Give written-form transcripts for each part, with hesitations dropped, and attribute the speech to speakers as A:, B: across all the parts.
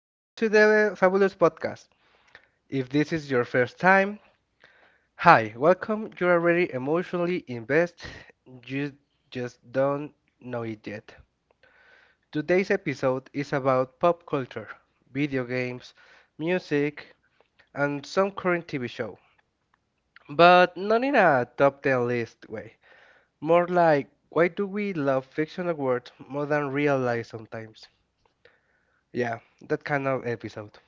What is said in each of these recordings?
A: back to the Fabulous Podcast. If this is your first time, hi, welcome. You're already emotionally invested, you just don't know it yet. Today's episode is about pop culture, video games, music, and some current TV show, but not in a top 10 list way. More like, why do we love fictional words more than real life sometimes? Yeah, that kind of episode.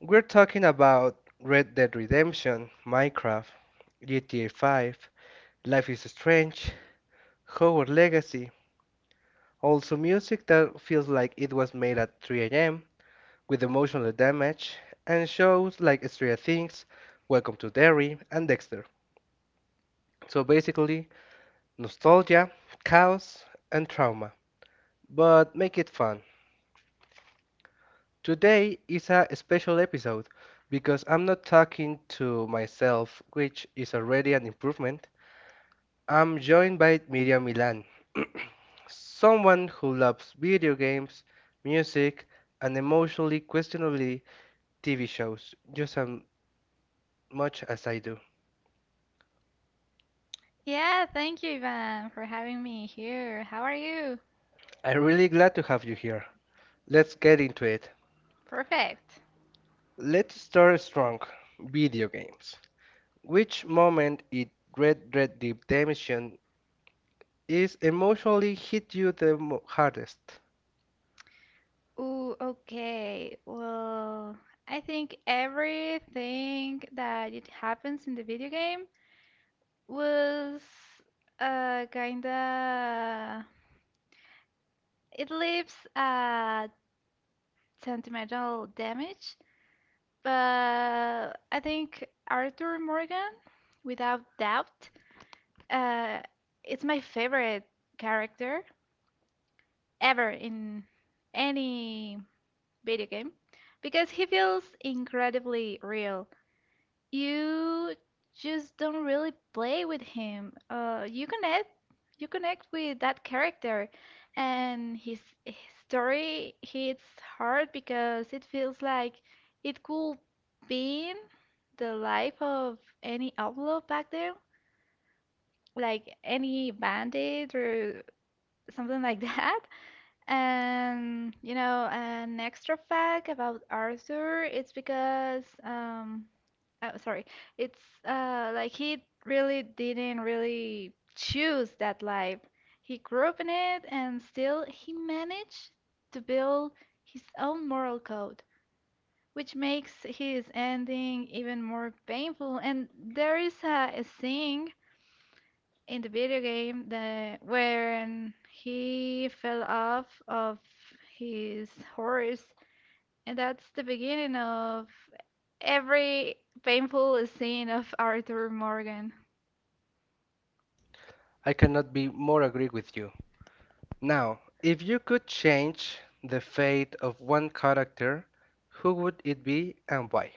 A: We're talking about Red Dead Redemption, Minecraft, GTA 5, Life is Strange, Hogwarts Legacy, also music that feels like it was made at 3 a.m., with emotional damage, and shows like Stranger Things, Welcome to Derry, and Dexter. So basically, nostalgia, chaos, and trauma, but make it fun. Today is a special episode because I'm not talking to myself, which is already an improvement. I'm joined by Miriam Milan, someone who loves video games, music, and emotionally questionably TV shows just as much as I do.
B: Yeah, thank you, Ivan, for having me here. How are you?
A: I'm really glad to have you here. Let's get into it.
B: Perfect.
A: Let's start strong. Video games. Which moment in Red Deep Redemption is emotionally hit you the hardest?
B: Ooh, okay. Well, I think everything that it happens in the video game was kinda it leaves a sentimental damage, but I think Arthur Morgan, without doubt, uh, it's my favorite character ever in any video game because he feels incredibly real. You just don't really play with him. You connect, you connect with that character, and his story hits hard because it feels like it could be the life of any outlaw back there, like any bandit or something like that. And an extra fact about Arthur, it's because um oh, sorry, it's like he really didn't really choose that life. He grew up in it and still he managed to build his own moral code, which makes his ending even more painful. And there is a scene in the video game the when he fell off of his horse, and that's the beginning of every painful scene of Arthur Morgan.
A: I cannot be more agree with you. Now, if you could change the fate of one character, who would it be and why?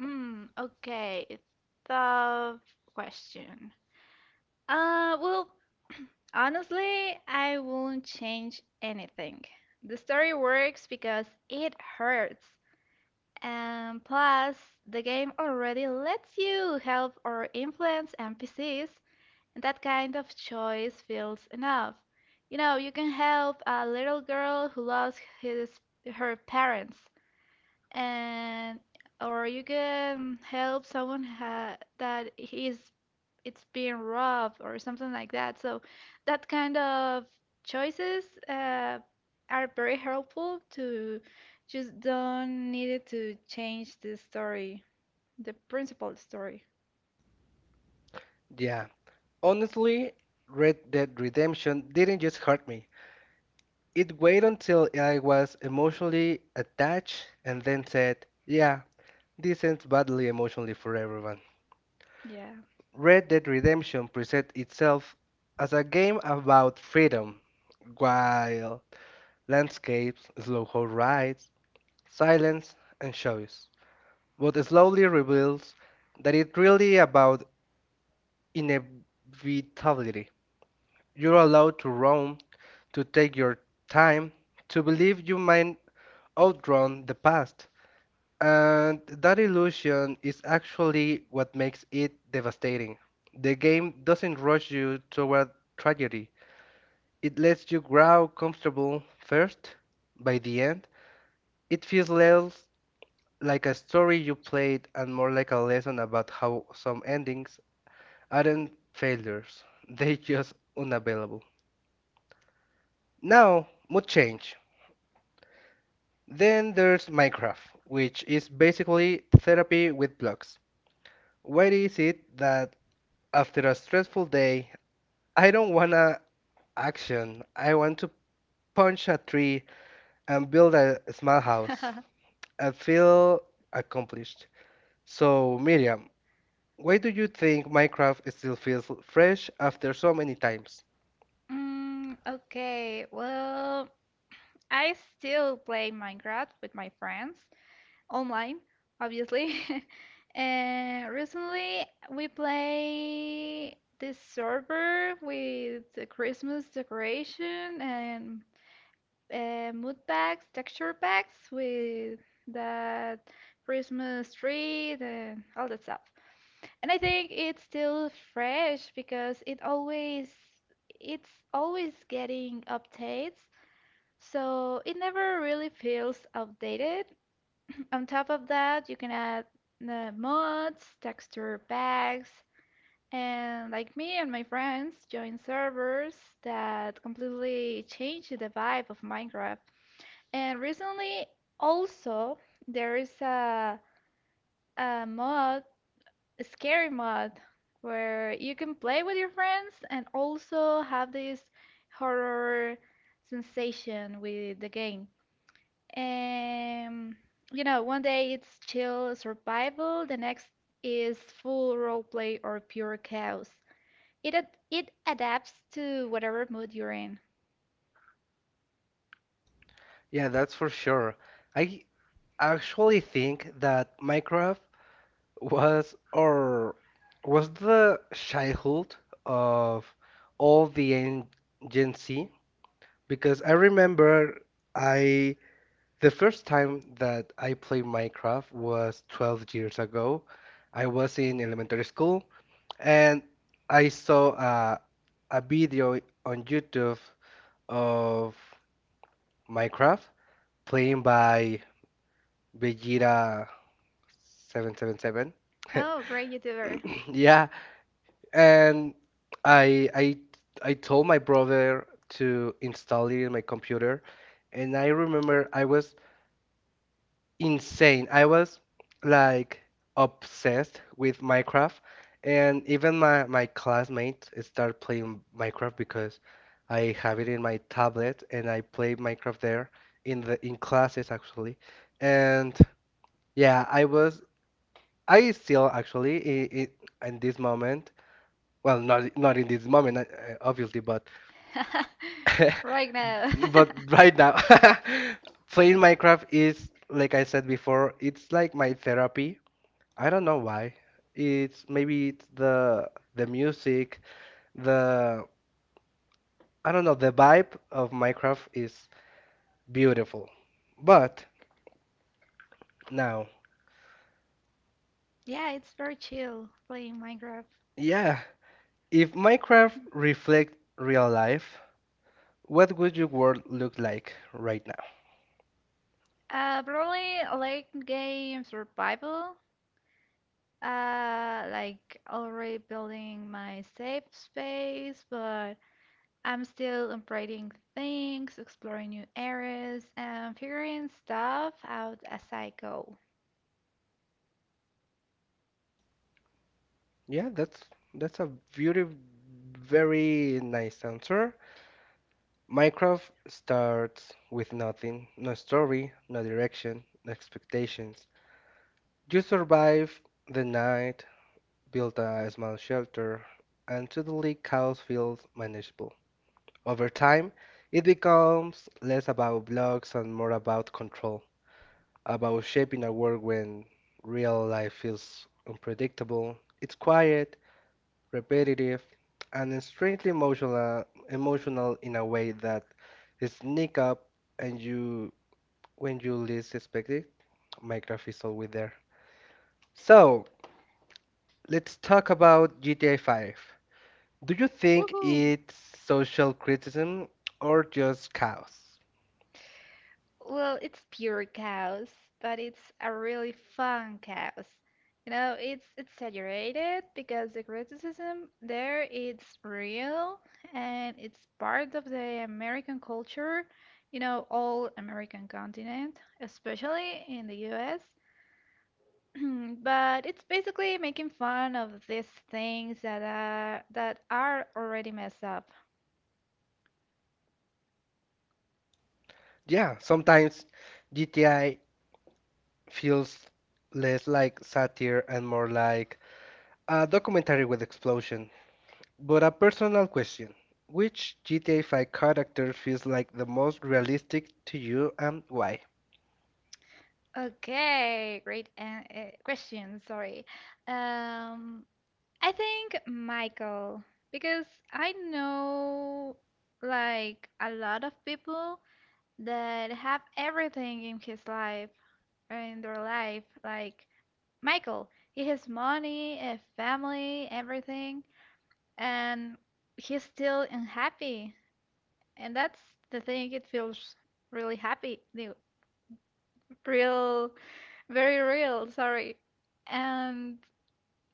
B: Hmm, okay. Tough question. Uh, well, Honestly, I won't change anything. The story works because it hurts. And plus, the game already lets you help or influence NPCs, and that kind of choice feels enough. You know, you can help a little girl who lost his her parents, and or you can help someone ha that is it's being robbed or something like that. So that kind of choices are very helpful to just don't need it to change the story, the principal story.
A: Yeah, honestly, Red Dead Redemption didn't just hurt me. It waited until I was emotionally attached and then said, yeah, this ends badly emotionally for everyone.
B: Yeah.
A: Red Dead Redemption presents itself as a game about freedom, wild landscapes, slow rides, silence, and choice, but slowly reveals that it's really about inevitability. You're allowed to roam, to take your time, to believe you might outrun the past. And that illusion is actually what makes it devastating. The game doesn't rush you toward tragedy. It lets you grow comfortable first. By the end, it feels less like a story you played and more like a lesson about how some endings aren't failures, they're just unavailable. Now, mood change. Then there's Minecraft, which is basically therapy with blocks. Why is it that after a stressful day, I don't wanna action? I want to punch a tree and build a small house and feel accomplished. So, Miriam, why do you think Minecraft still feels fresh after so many times?
B: Okay, well, I still play Minecraft with my friends online, obviously. And recently we play this server with the Christmas decoration and mood packs, texture packs with that Christmas tree and all that stuff. And I think it's still fresh because it's always getting updates, so it never really feels outdated. On top of that, you can add the mods, texture packs, and like me and my friends joined servers that completely changed the vibe of Minecraft. And recently, also, there is a mod, a scary mod, where you can play with your friends and also have this horror sensation with the game. Um, you know, one day it's chill survival, the next is full roleplay or pure chaos. It adapts to whatever mood you're in.
A: Yeah, that's for sure. I I actually think that Minecraft was or was the childhood of all the Gen Z because I remember I the first time that I played Minecraft was 12 years ago. I was in elementary school and I saw a video on YouTube of Minecraft playing by Vegeta 777
B: Oh, great YouTuber.
A: Yeah, and I I I told my brother to install it in my computer, and I remember I was insane. I was like obsessed with Minecraft, and even my classmates start playing Minecraft because I have it in my tablet and I play Minecraft there in classes actually. And yeah, I still actually in this moment. Well, not in this moment, obviously, but
B: Right now.
A: but right now, playing Minecraft is, like I said before, it's like my therapy. I don't know why. It's maybe it's the music, the I don't know, the vibe of Minecraft is beautiful. But now,
B: Yeah, it's very chill playing Minecraft.
A: yeah, if Minecraft reflect real life, what would your world look like right
B: Probably late game survival. Like already building my safe space, but I'm still upgrading things, exploring new areas, and figuring stuff out as I go.
A: Yeah, that's a very very nice answer. Minecraft starts with nothing, no story, no direction, no expectations. You survive the night, build a small shelter, and suddenly chaos feels manageable. Over time, it becomes less about blocks and more about control, about shaping a world when real life feels unpredictable. It's quiet, repetitive, and it's strangely emotional in a way that it sneak up and you when you least expect it. Minecraft is always there. So let's talk about GTA 5. Do you think
B: Woohoo!
A: it's social criticism or just chaos?
B: Well, it's pure chaos, but it's a really fun chaos. You know, it's exaggerated because the criticism there is real, and it's part of the American culture, you know, all American continent, especially in the US. But it's basically making fun of these things that are already messed up.
A: Yeah, sometimes GTA feels less like satire and more like a documentary with explosion. But a personal question. Which GTA 5 character feels like the most realistic to you and why?
B: Okay, great an question. Sorry. Um, I think Michael, because I know like a lot of people that have everything in his life or in their life. Like Michael, he has money, a family, everything, and he's still unhappy. And that's the thing. It feels really happy the real very real. Sorry. And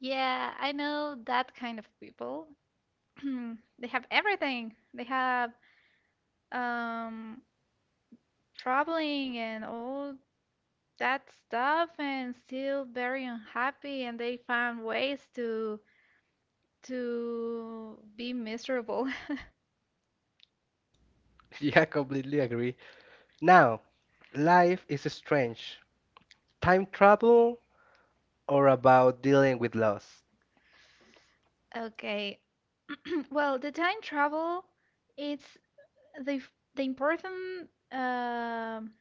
B: yeah, I know that kind of people. They have everything. They have um traveling and all that stuff and still very unhappy, and they found ways to be miserable.
A: Yeah, I completely agree. Now, Life is Strange. Time travel or about dealing with loss?
B: Okay. Well, the time travel, it's the important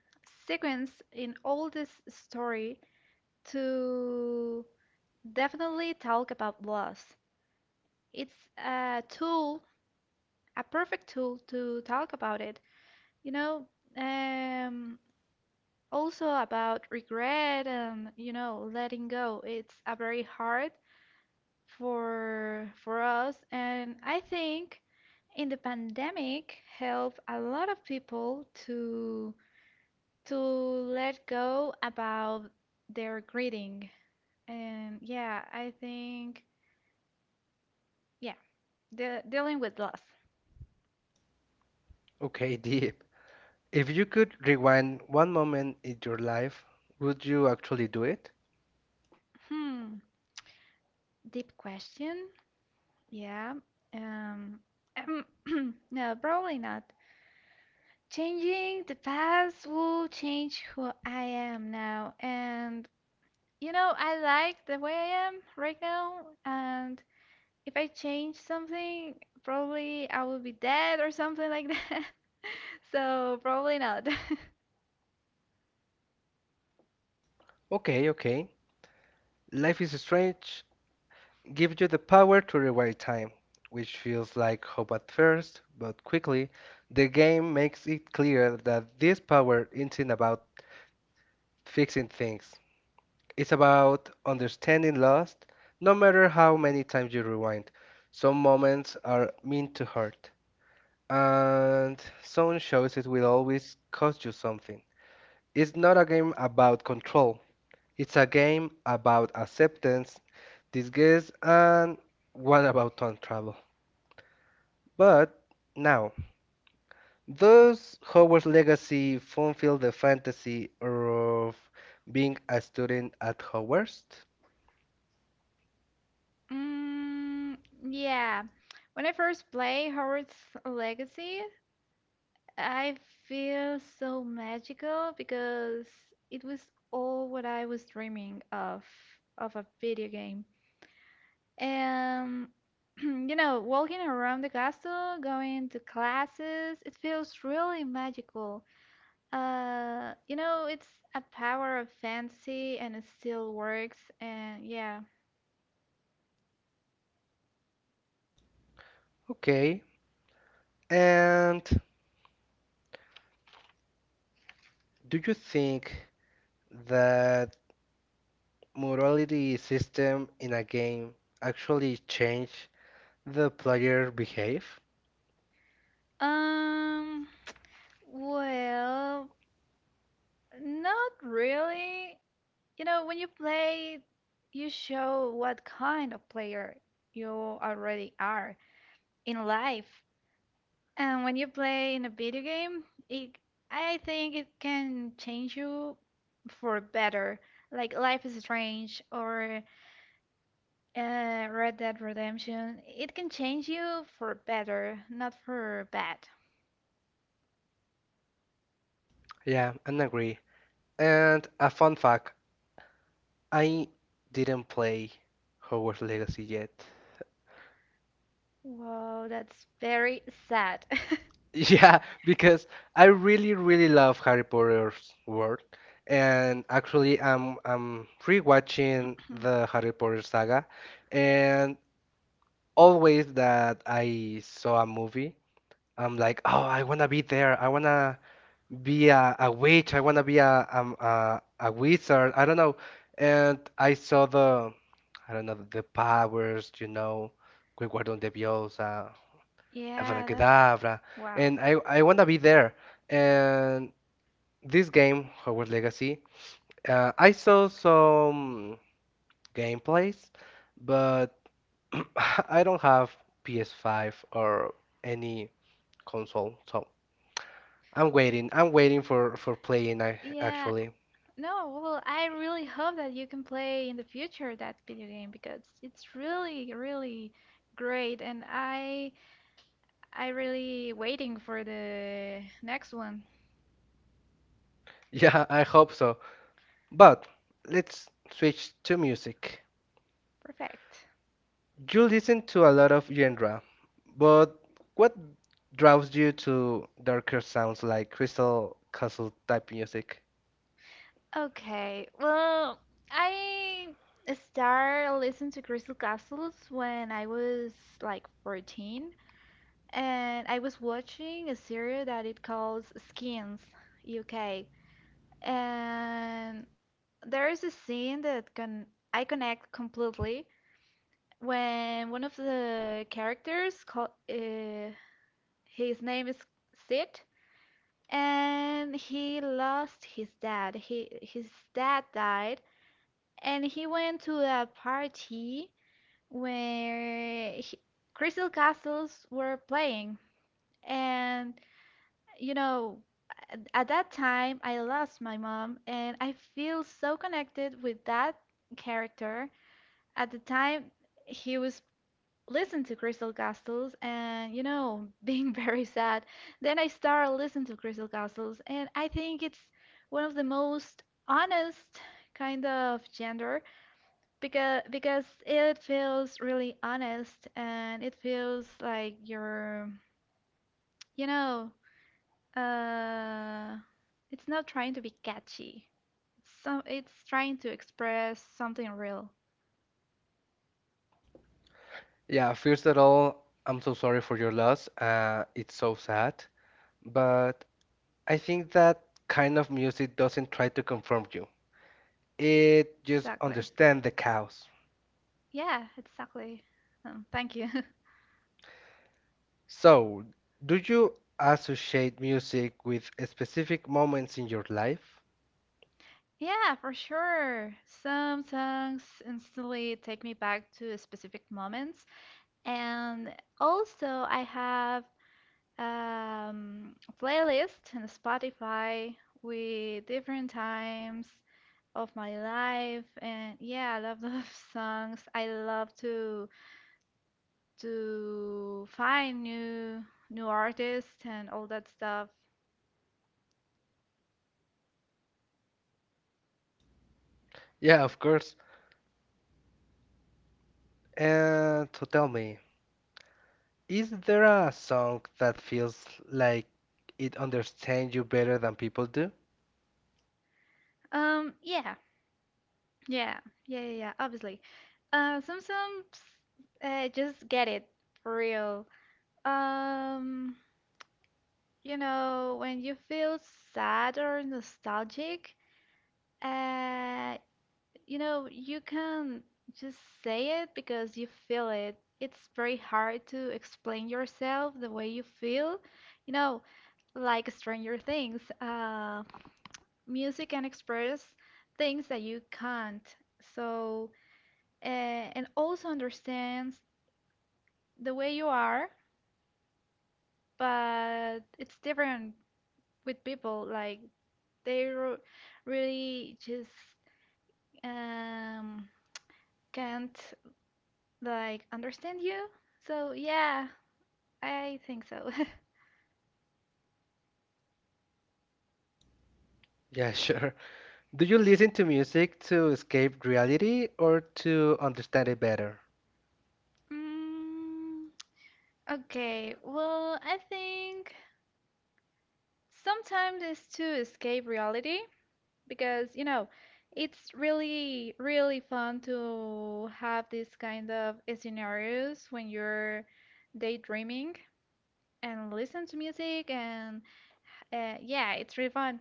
B: sequence in all this story to definitely talk about loss. It's a tool, a perfect tool to talk about it. You know, um, also about regret and, you know, letting go. It's a very hard for us, and I think in the pandemic helped a lot of people to let go about their greeting. And yeah, I think, yeah, de dealing with loss.
A: Okay, deep. If you could rewind one moment in your life, would you actually do it?
B: Hmm, deep question. Yeah. Um, um, no, probably not. Changing the past will change who I am now. And, you know, I like the way I am right now. And if I change something, probably I will be dead or something like that. So, probably not.
A: Okay, okay. Life is Strange give you the power to rewind time, which feels like hope at first, but quickly, the game makes it clear that this power isn't about fixing things. It's about understanding loss, no matter how many times you rewind. Some moments are meant to hurt, and some shows it will always cost you something. It's not a game about control, it's a game about acceptance, disguise, and one about time travel. But now, does Howard's Legacy fulfill the fantasy of being a student at Howard's?
B: Mm, yeah. When I first play Hogwarts Legacy, I feel so magical because it was all what I was dreaming of a video game. And you know, walking around the castle, going to classes, it feels really magical. You know, it's a power of fantasy and it still works, and yeah.
A: Okay. And do you think that morality system in a game actually change the player behave?
B: Um, well, Not really. You know, when you play, you show what kind of player you already are in life. And when you play in a video game, it, I think it can change you for better. Like Life is Strange or Red Dead Redemption, it can change you for better, not for bad.
A: Yeah, I agree. And a fun fact, I didn't play Hogwarts Legacy yet.
B: Wow, that's very sad.
A: Yeah, because I really, really love Harry Potter's world, and actually, I'm rewatching the Harry Potter saga, and always that I saw a movie, I'm like, oh, I wanna be there. I wanna be a witch. I wanna be a wizard. I don't know. And I saw I don't know, the powers, Wingardium Leviosa,
B: Yeah, that's
A: Abracadabra.
B: wow.
A: And I want to be there. And this game, Hogwarts Legacy, I saw some gameplays, but I don't have PS5 or any console, so I'm waiting. I'm waiting for playing, I
B: Yeah,
A: actually.
B: no, well, I really hope that you can play in the future that video game because it's really, really great, and I really waiting for the next one.
A: Yeah, I hope so. But let's switch to music.
B: Perfect.
A: You listen to a lot of genre, but what draws you to darker sounds like Crystal Castle type music?
B: Okay, well, I start listening to Crystal Castles when I was like 14, and I was watching a series that it calls Skins UK, and there is a scene that can I connect completely when one of the characters called his name is Sid, and he lost his dad. He His dad died, and he went to a party where he, Crystal Castles were playing, and you know, at that time I lost my mom, and I feel so connected with that character. At the time, he was listening to Crystal Castles and, you know, being very sad. Then I started listening to Crystal Castles, and I think it's one of the most honest kind of gender because it feels really honest and it feels like you're, you know, uh, it's not trying to be catchy. Some, it's trying to express something real.
A: Yeah, first of all, I'm so sorry for your loss. It's so sad, but I think that kind of music doesn't try to conform you. It just
B: Exactly.
A: understands the chaos.
B: Yeah, exactly. Thank you.
A: So, do you associate music with specific moments in your life?
B: Yeah, for sure. Some songs instantly take me back to specific moments. And also, I have a playlist on Spotify with different times of my life. And yeah, I love those songs. I love to find new artists and all that stuff.
A: Yeah, of course. And so tell me. Is there a song that feels like it understands you better than people do?
B: Um, yeah, Yeah, yeah, yeah, yeah, obviously. Some just get it for real. Um, you know, when you feel sad or nostalgic, uh, you know, you can just say it because you feel it. It's very hard to explain yourself the way you feel, you know, like Stranger Things. Music can express things that you can't. So. uh, and also understands the way you are, but it's different with people. Like they r really just um, can't like understand you. So yeah, I think so.
A: Yeah, sure. Do you listen to music to escape reality or to understand it better?
B: Mm, okay, well, I think sometimes it's to escape reality, because you know it's really really fun to have these kind of scenarios when you're daydreaming and listen to music, and yeah, it's really fun,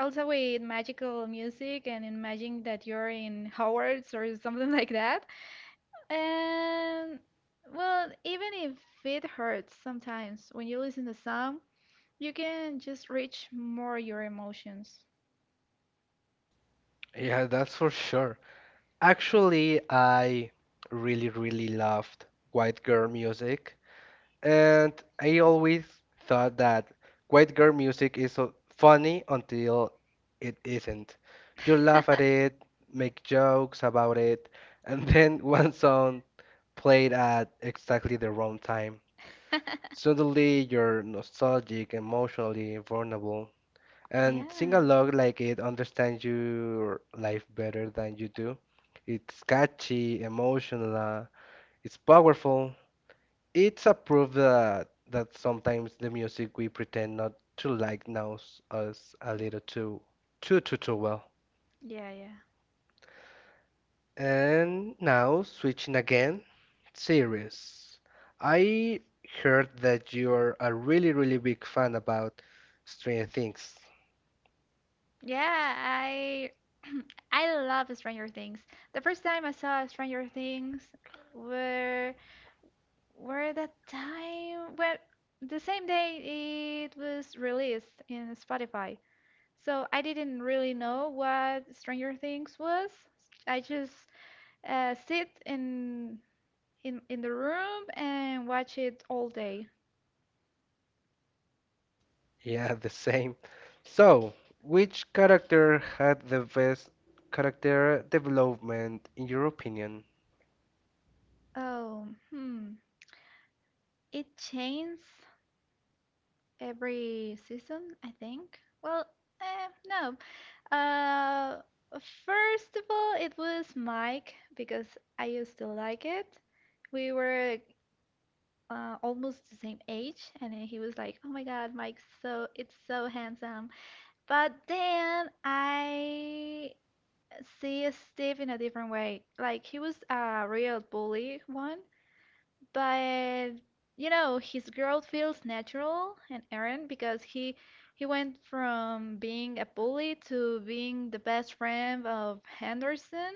B: also with magical music and imagine that you're in Hogwarts or something like that. And well, even if it hurts sometimes, when you listen to some, you can just reach more your emotions.
A: Yeah, that's for sure. Actually, I really, really loved white girl music. And I always thought that white girl music is so funny until it isn't. You laugh at it, make jokes about it, and then one song played at exactly the wrong time. Suddenly you're nostalgic, emotionally vulnerable, and sing
B: Yeah,
A: along like it understands your life better than you do. It's catchy, emotional, it's powerful. It's a proof that sometimes the music we pretend not to like knows us a little too well.
B: yeah, yeah.
A: And now switching again, series. I heard that you're a really really big fan about Stranger Things.
B: Yeah, I I love Stranger Things. The first time I saw Stranger Things were were the time when the same day it was released in Spotify. So I didn't really know what Stranger Things was. I just sit in in the room and watch it all day.
A: Yeah, the same. So, which character had the best character development in your opinion?
B: Oh, hmm. It changes every season, I think. Well, eh, no, Uh, first of all, it was Mike because I used to like it. We were almost the same age, and then he was like, "Oh my God, Mike's so it's so handsome." But then I see Steve in a different way. Like, he was a real bully one, but you know his growth feels natural and errant because he went from being a bully to being the best friend of Henderson,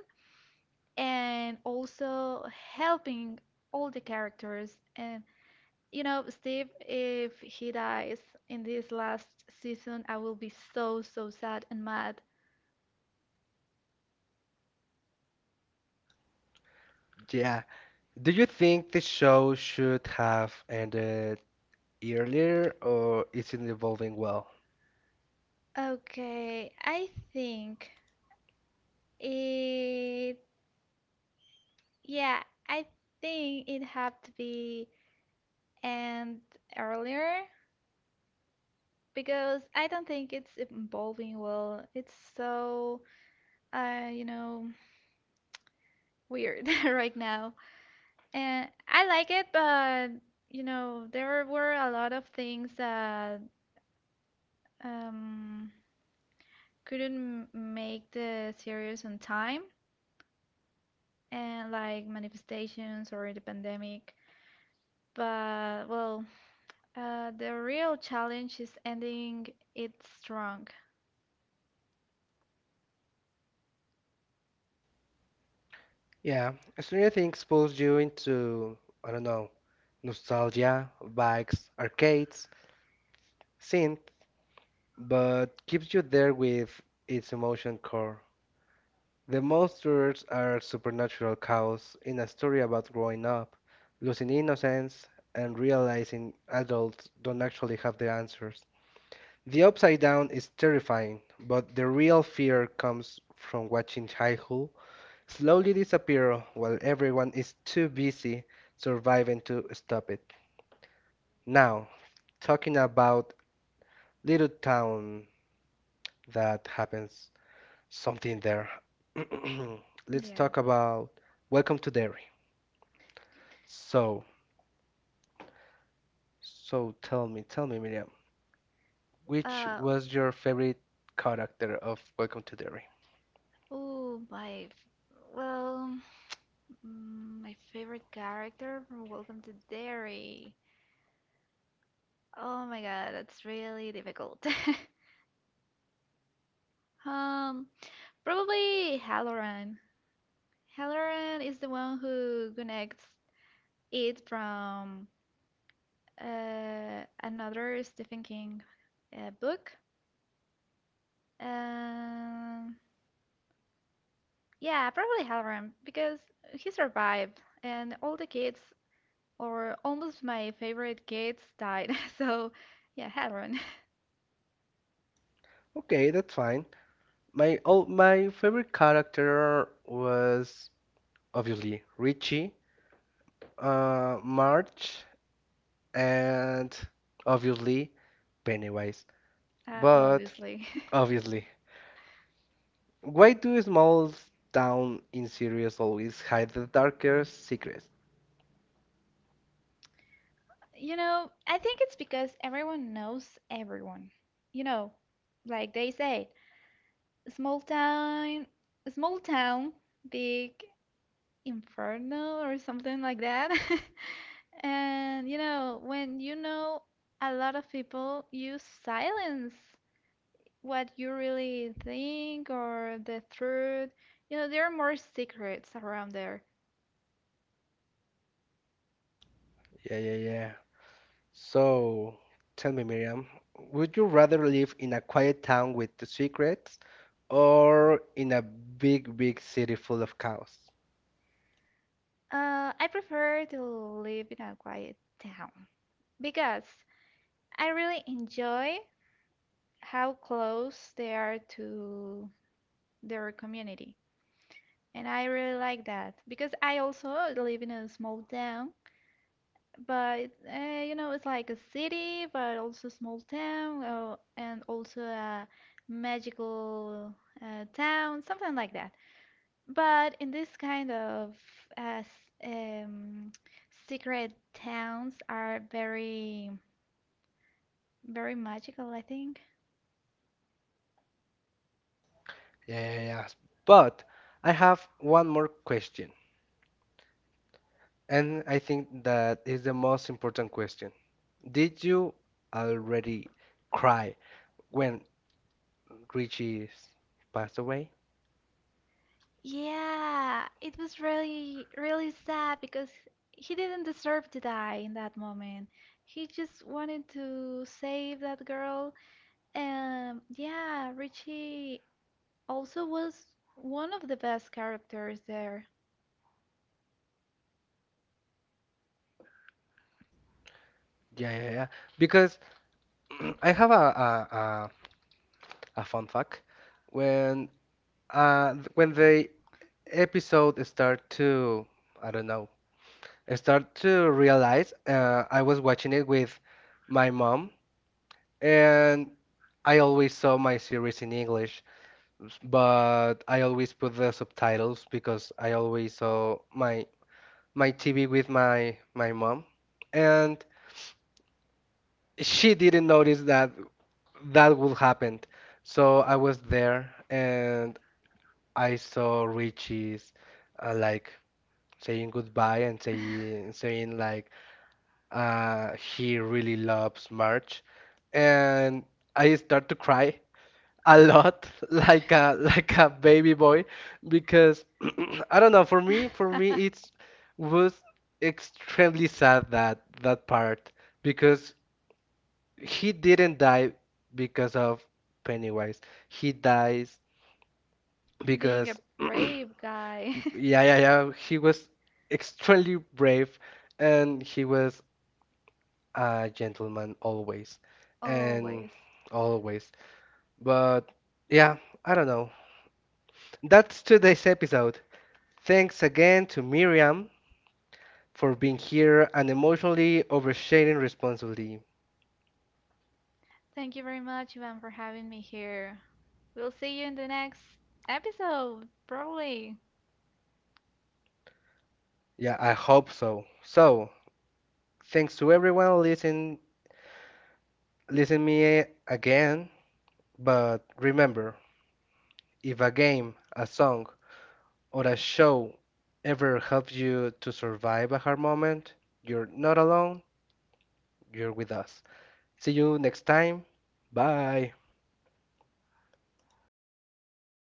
B: and also helping all the characters. And you know, Steve, if he dies in this last season, I will be so so sad and mad.
A: Yeah. Do you think the show should have ended earlier or is it evolving well?
B: Okay, I think it yeah I think it had to be and earlier, because I don't think it's evolving well. It's so, you know, weird right now. And I like it, but you know, there were a lot of things that um, couldn't make the series on time, and like manifestations or the pandemic. But well, the real challenge is ending it strong.
A: Yeah, Stranger Things pulls you into, I don't know, nostalgia, bikes, arcades, synth, but keeps you there with its emotion core. The monsters are supernatural chaos in a story about growing up, losing innocence, and realizing adults don't actually have the answers. The upside down is terrifying, but the real fear comes from watching high school slowly disappear while everyone is too busy surviving to stop it. Now, talking about little town that happens something there. Let's
B: Yeah.
A: talk about Welcome to Derry. So, tell me, Miriam, which
B: Uh,
A: was your favorite character of Welcome to Derry?
B: oh, my. Well, my favorite character from Welcome to Derry. Oh my god, that's really difficult. Um, Probably Halloran. Halloran is the one who connects it from another Stephen King book. Um, yeah, probably Halloran because he survived, and all the kids or almost my favorite kids died. So, yeah, Hadron.
A: Okay, that's fine. My favorite character was obviously Richie, Marge, and obviously Pennywise.
B: Uh,
A: But
B: obviously.
A: obviously, why do small town in series always hide the darker secrets?
B: You know, I think it's because everyone knows everyone. You know, like they say, small town, small town, big inferno or something like that. And you know, when you know a lot of people, you silence what you really think or the truth. You know, there are more secrets around there.
A: Yeah, yeah, yeah. So, tell me, Miriam, would you rather live in a quiet town with the secrets or in a big, big city full of chaos?
B: I prefer to live in a quiet town because I really enjoy how close they are to their community. And I really like that because I also live in a small town, but you know, it's like a city, but also small town, and also a magical town, something like that. But in this kind of as um, secret towns are very, very magical, I think.
A: Yeah, yeah, yeah. But I have one more question. And I think that is the most important question. Did you already cry when Richie passed away?
B: Yeah, it was really, really sad because he didn't deserve to die in that moment. He just wanted to save that girl. Yeah, Richie also was one of the best characters there.
A: Yeah, yeah, yeah. Because I have a fun fact. When when the episode start to I don't know start to realize I was watching it with my mom, and I always saw my series in English, but I always put the subtitles because I always saw my TV with my mom, and she didn't notice that that would happen. So I was there and I saw Richie's like saying goodbye and saying like he really loves March, and I start to cry a lot like a baby boy because I don't know, for me it was extremely sad that part because he didn't die because of Pennywise, he dies
B: Being a
A: because yeah,
B: brave guy,
A: yeah, yeah, he was extremely brave, and he was a gentleman always and
B: always.
A: always. But yeah, I don't know, that's today's episode. Thanks again to Miriam for being here and emotionally oversharing responsibly.
B: Thank you very much, Ivan, for having me here. We'll see you in the next episode, probably.
A: Yeah, I hope so. So, thanks to everyone listen me again, but remember, if a game, a song, or a show ever helps you to survive a hard moment, you're not alone, you're with us. See you next time. Bye.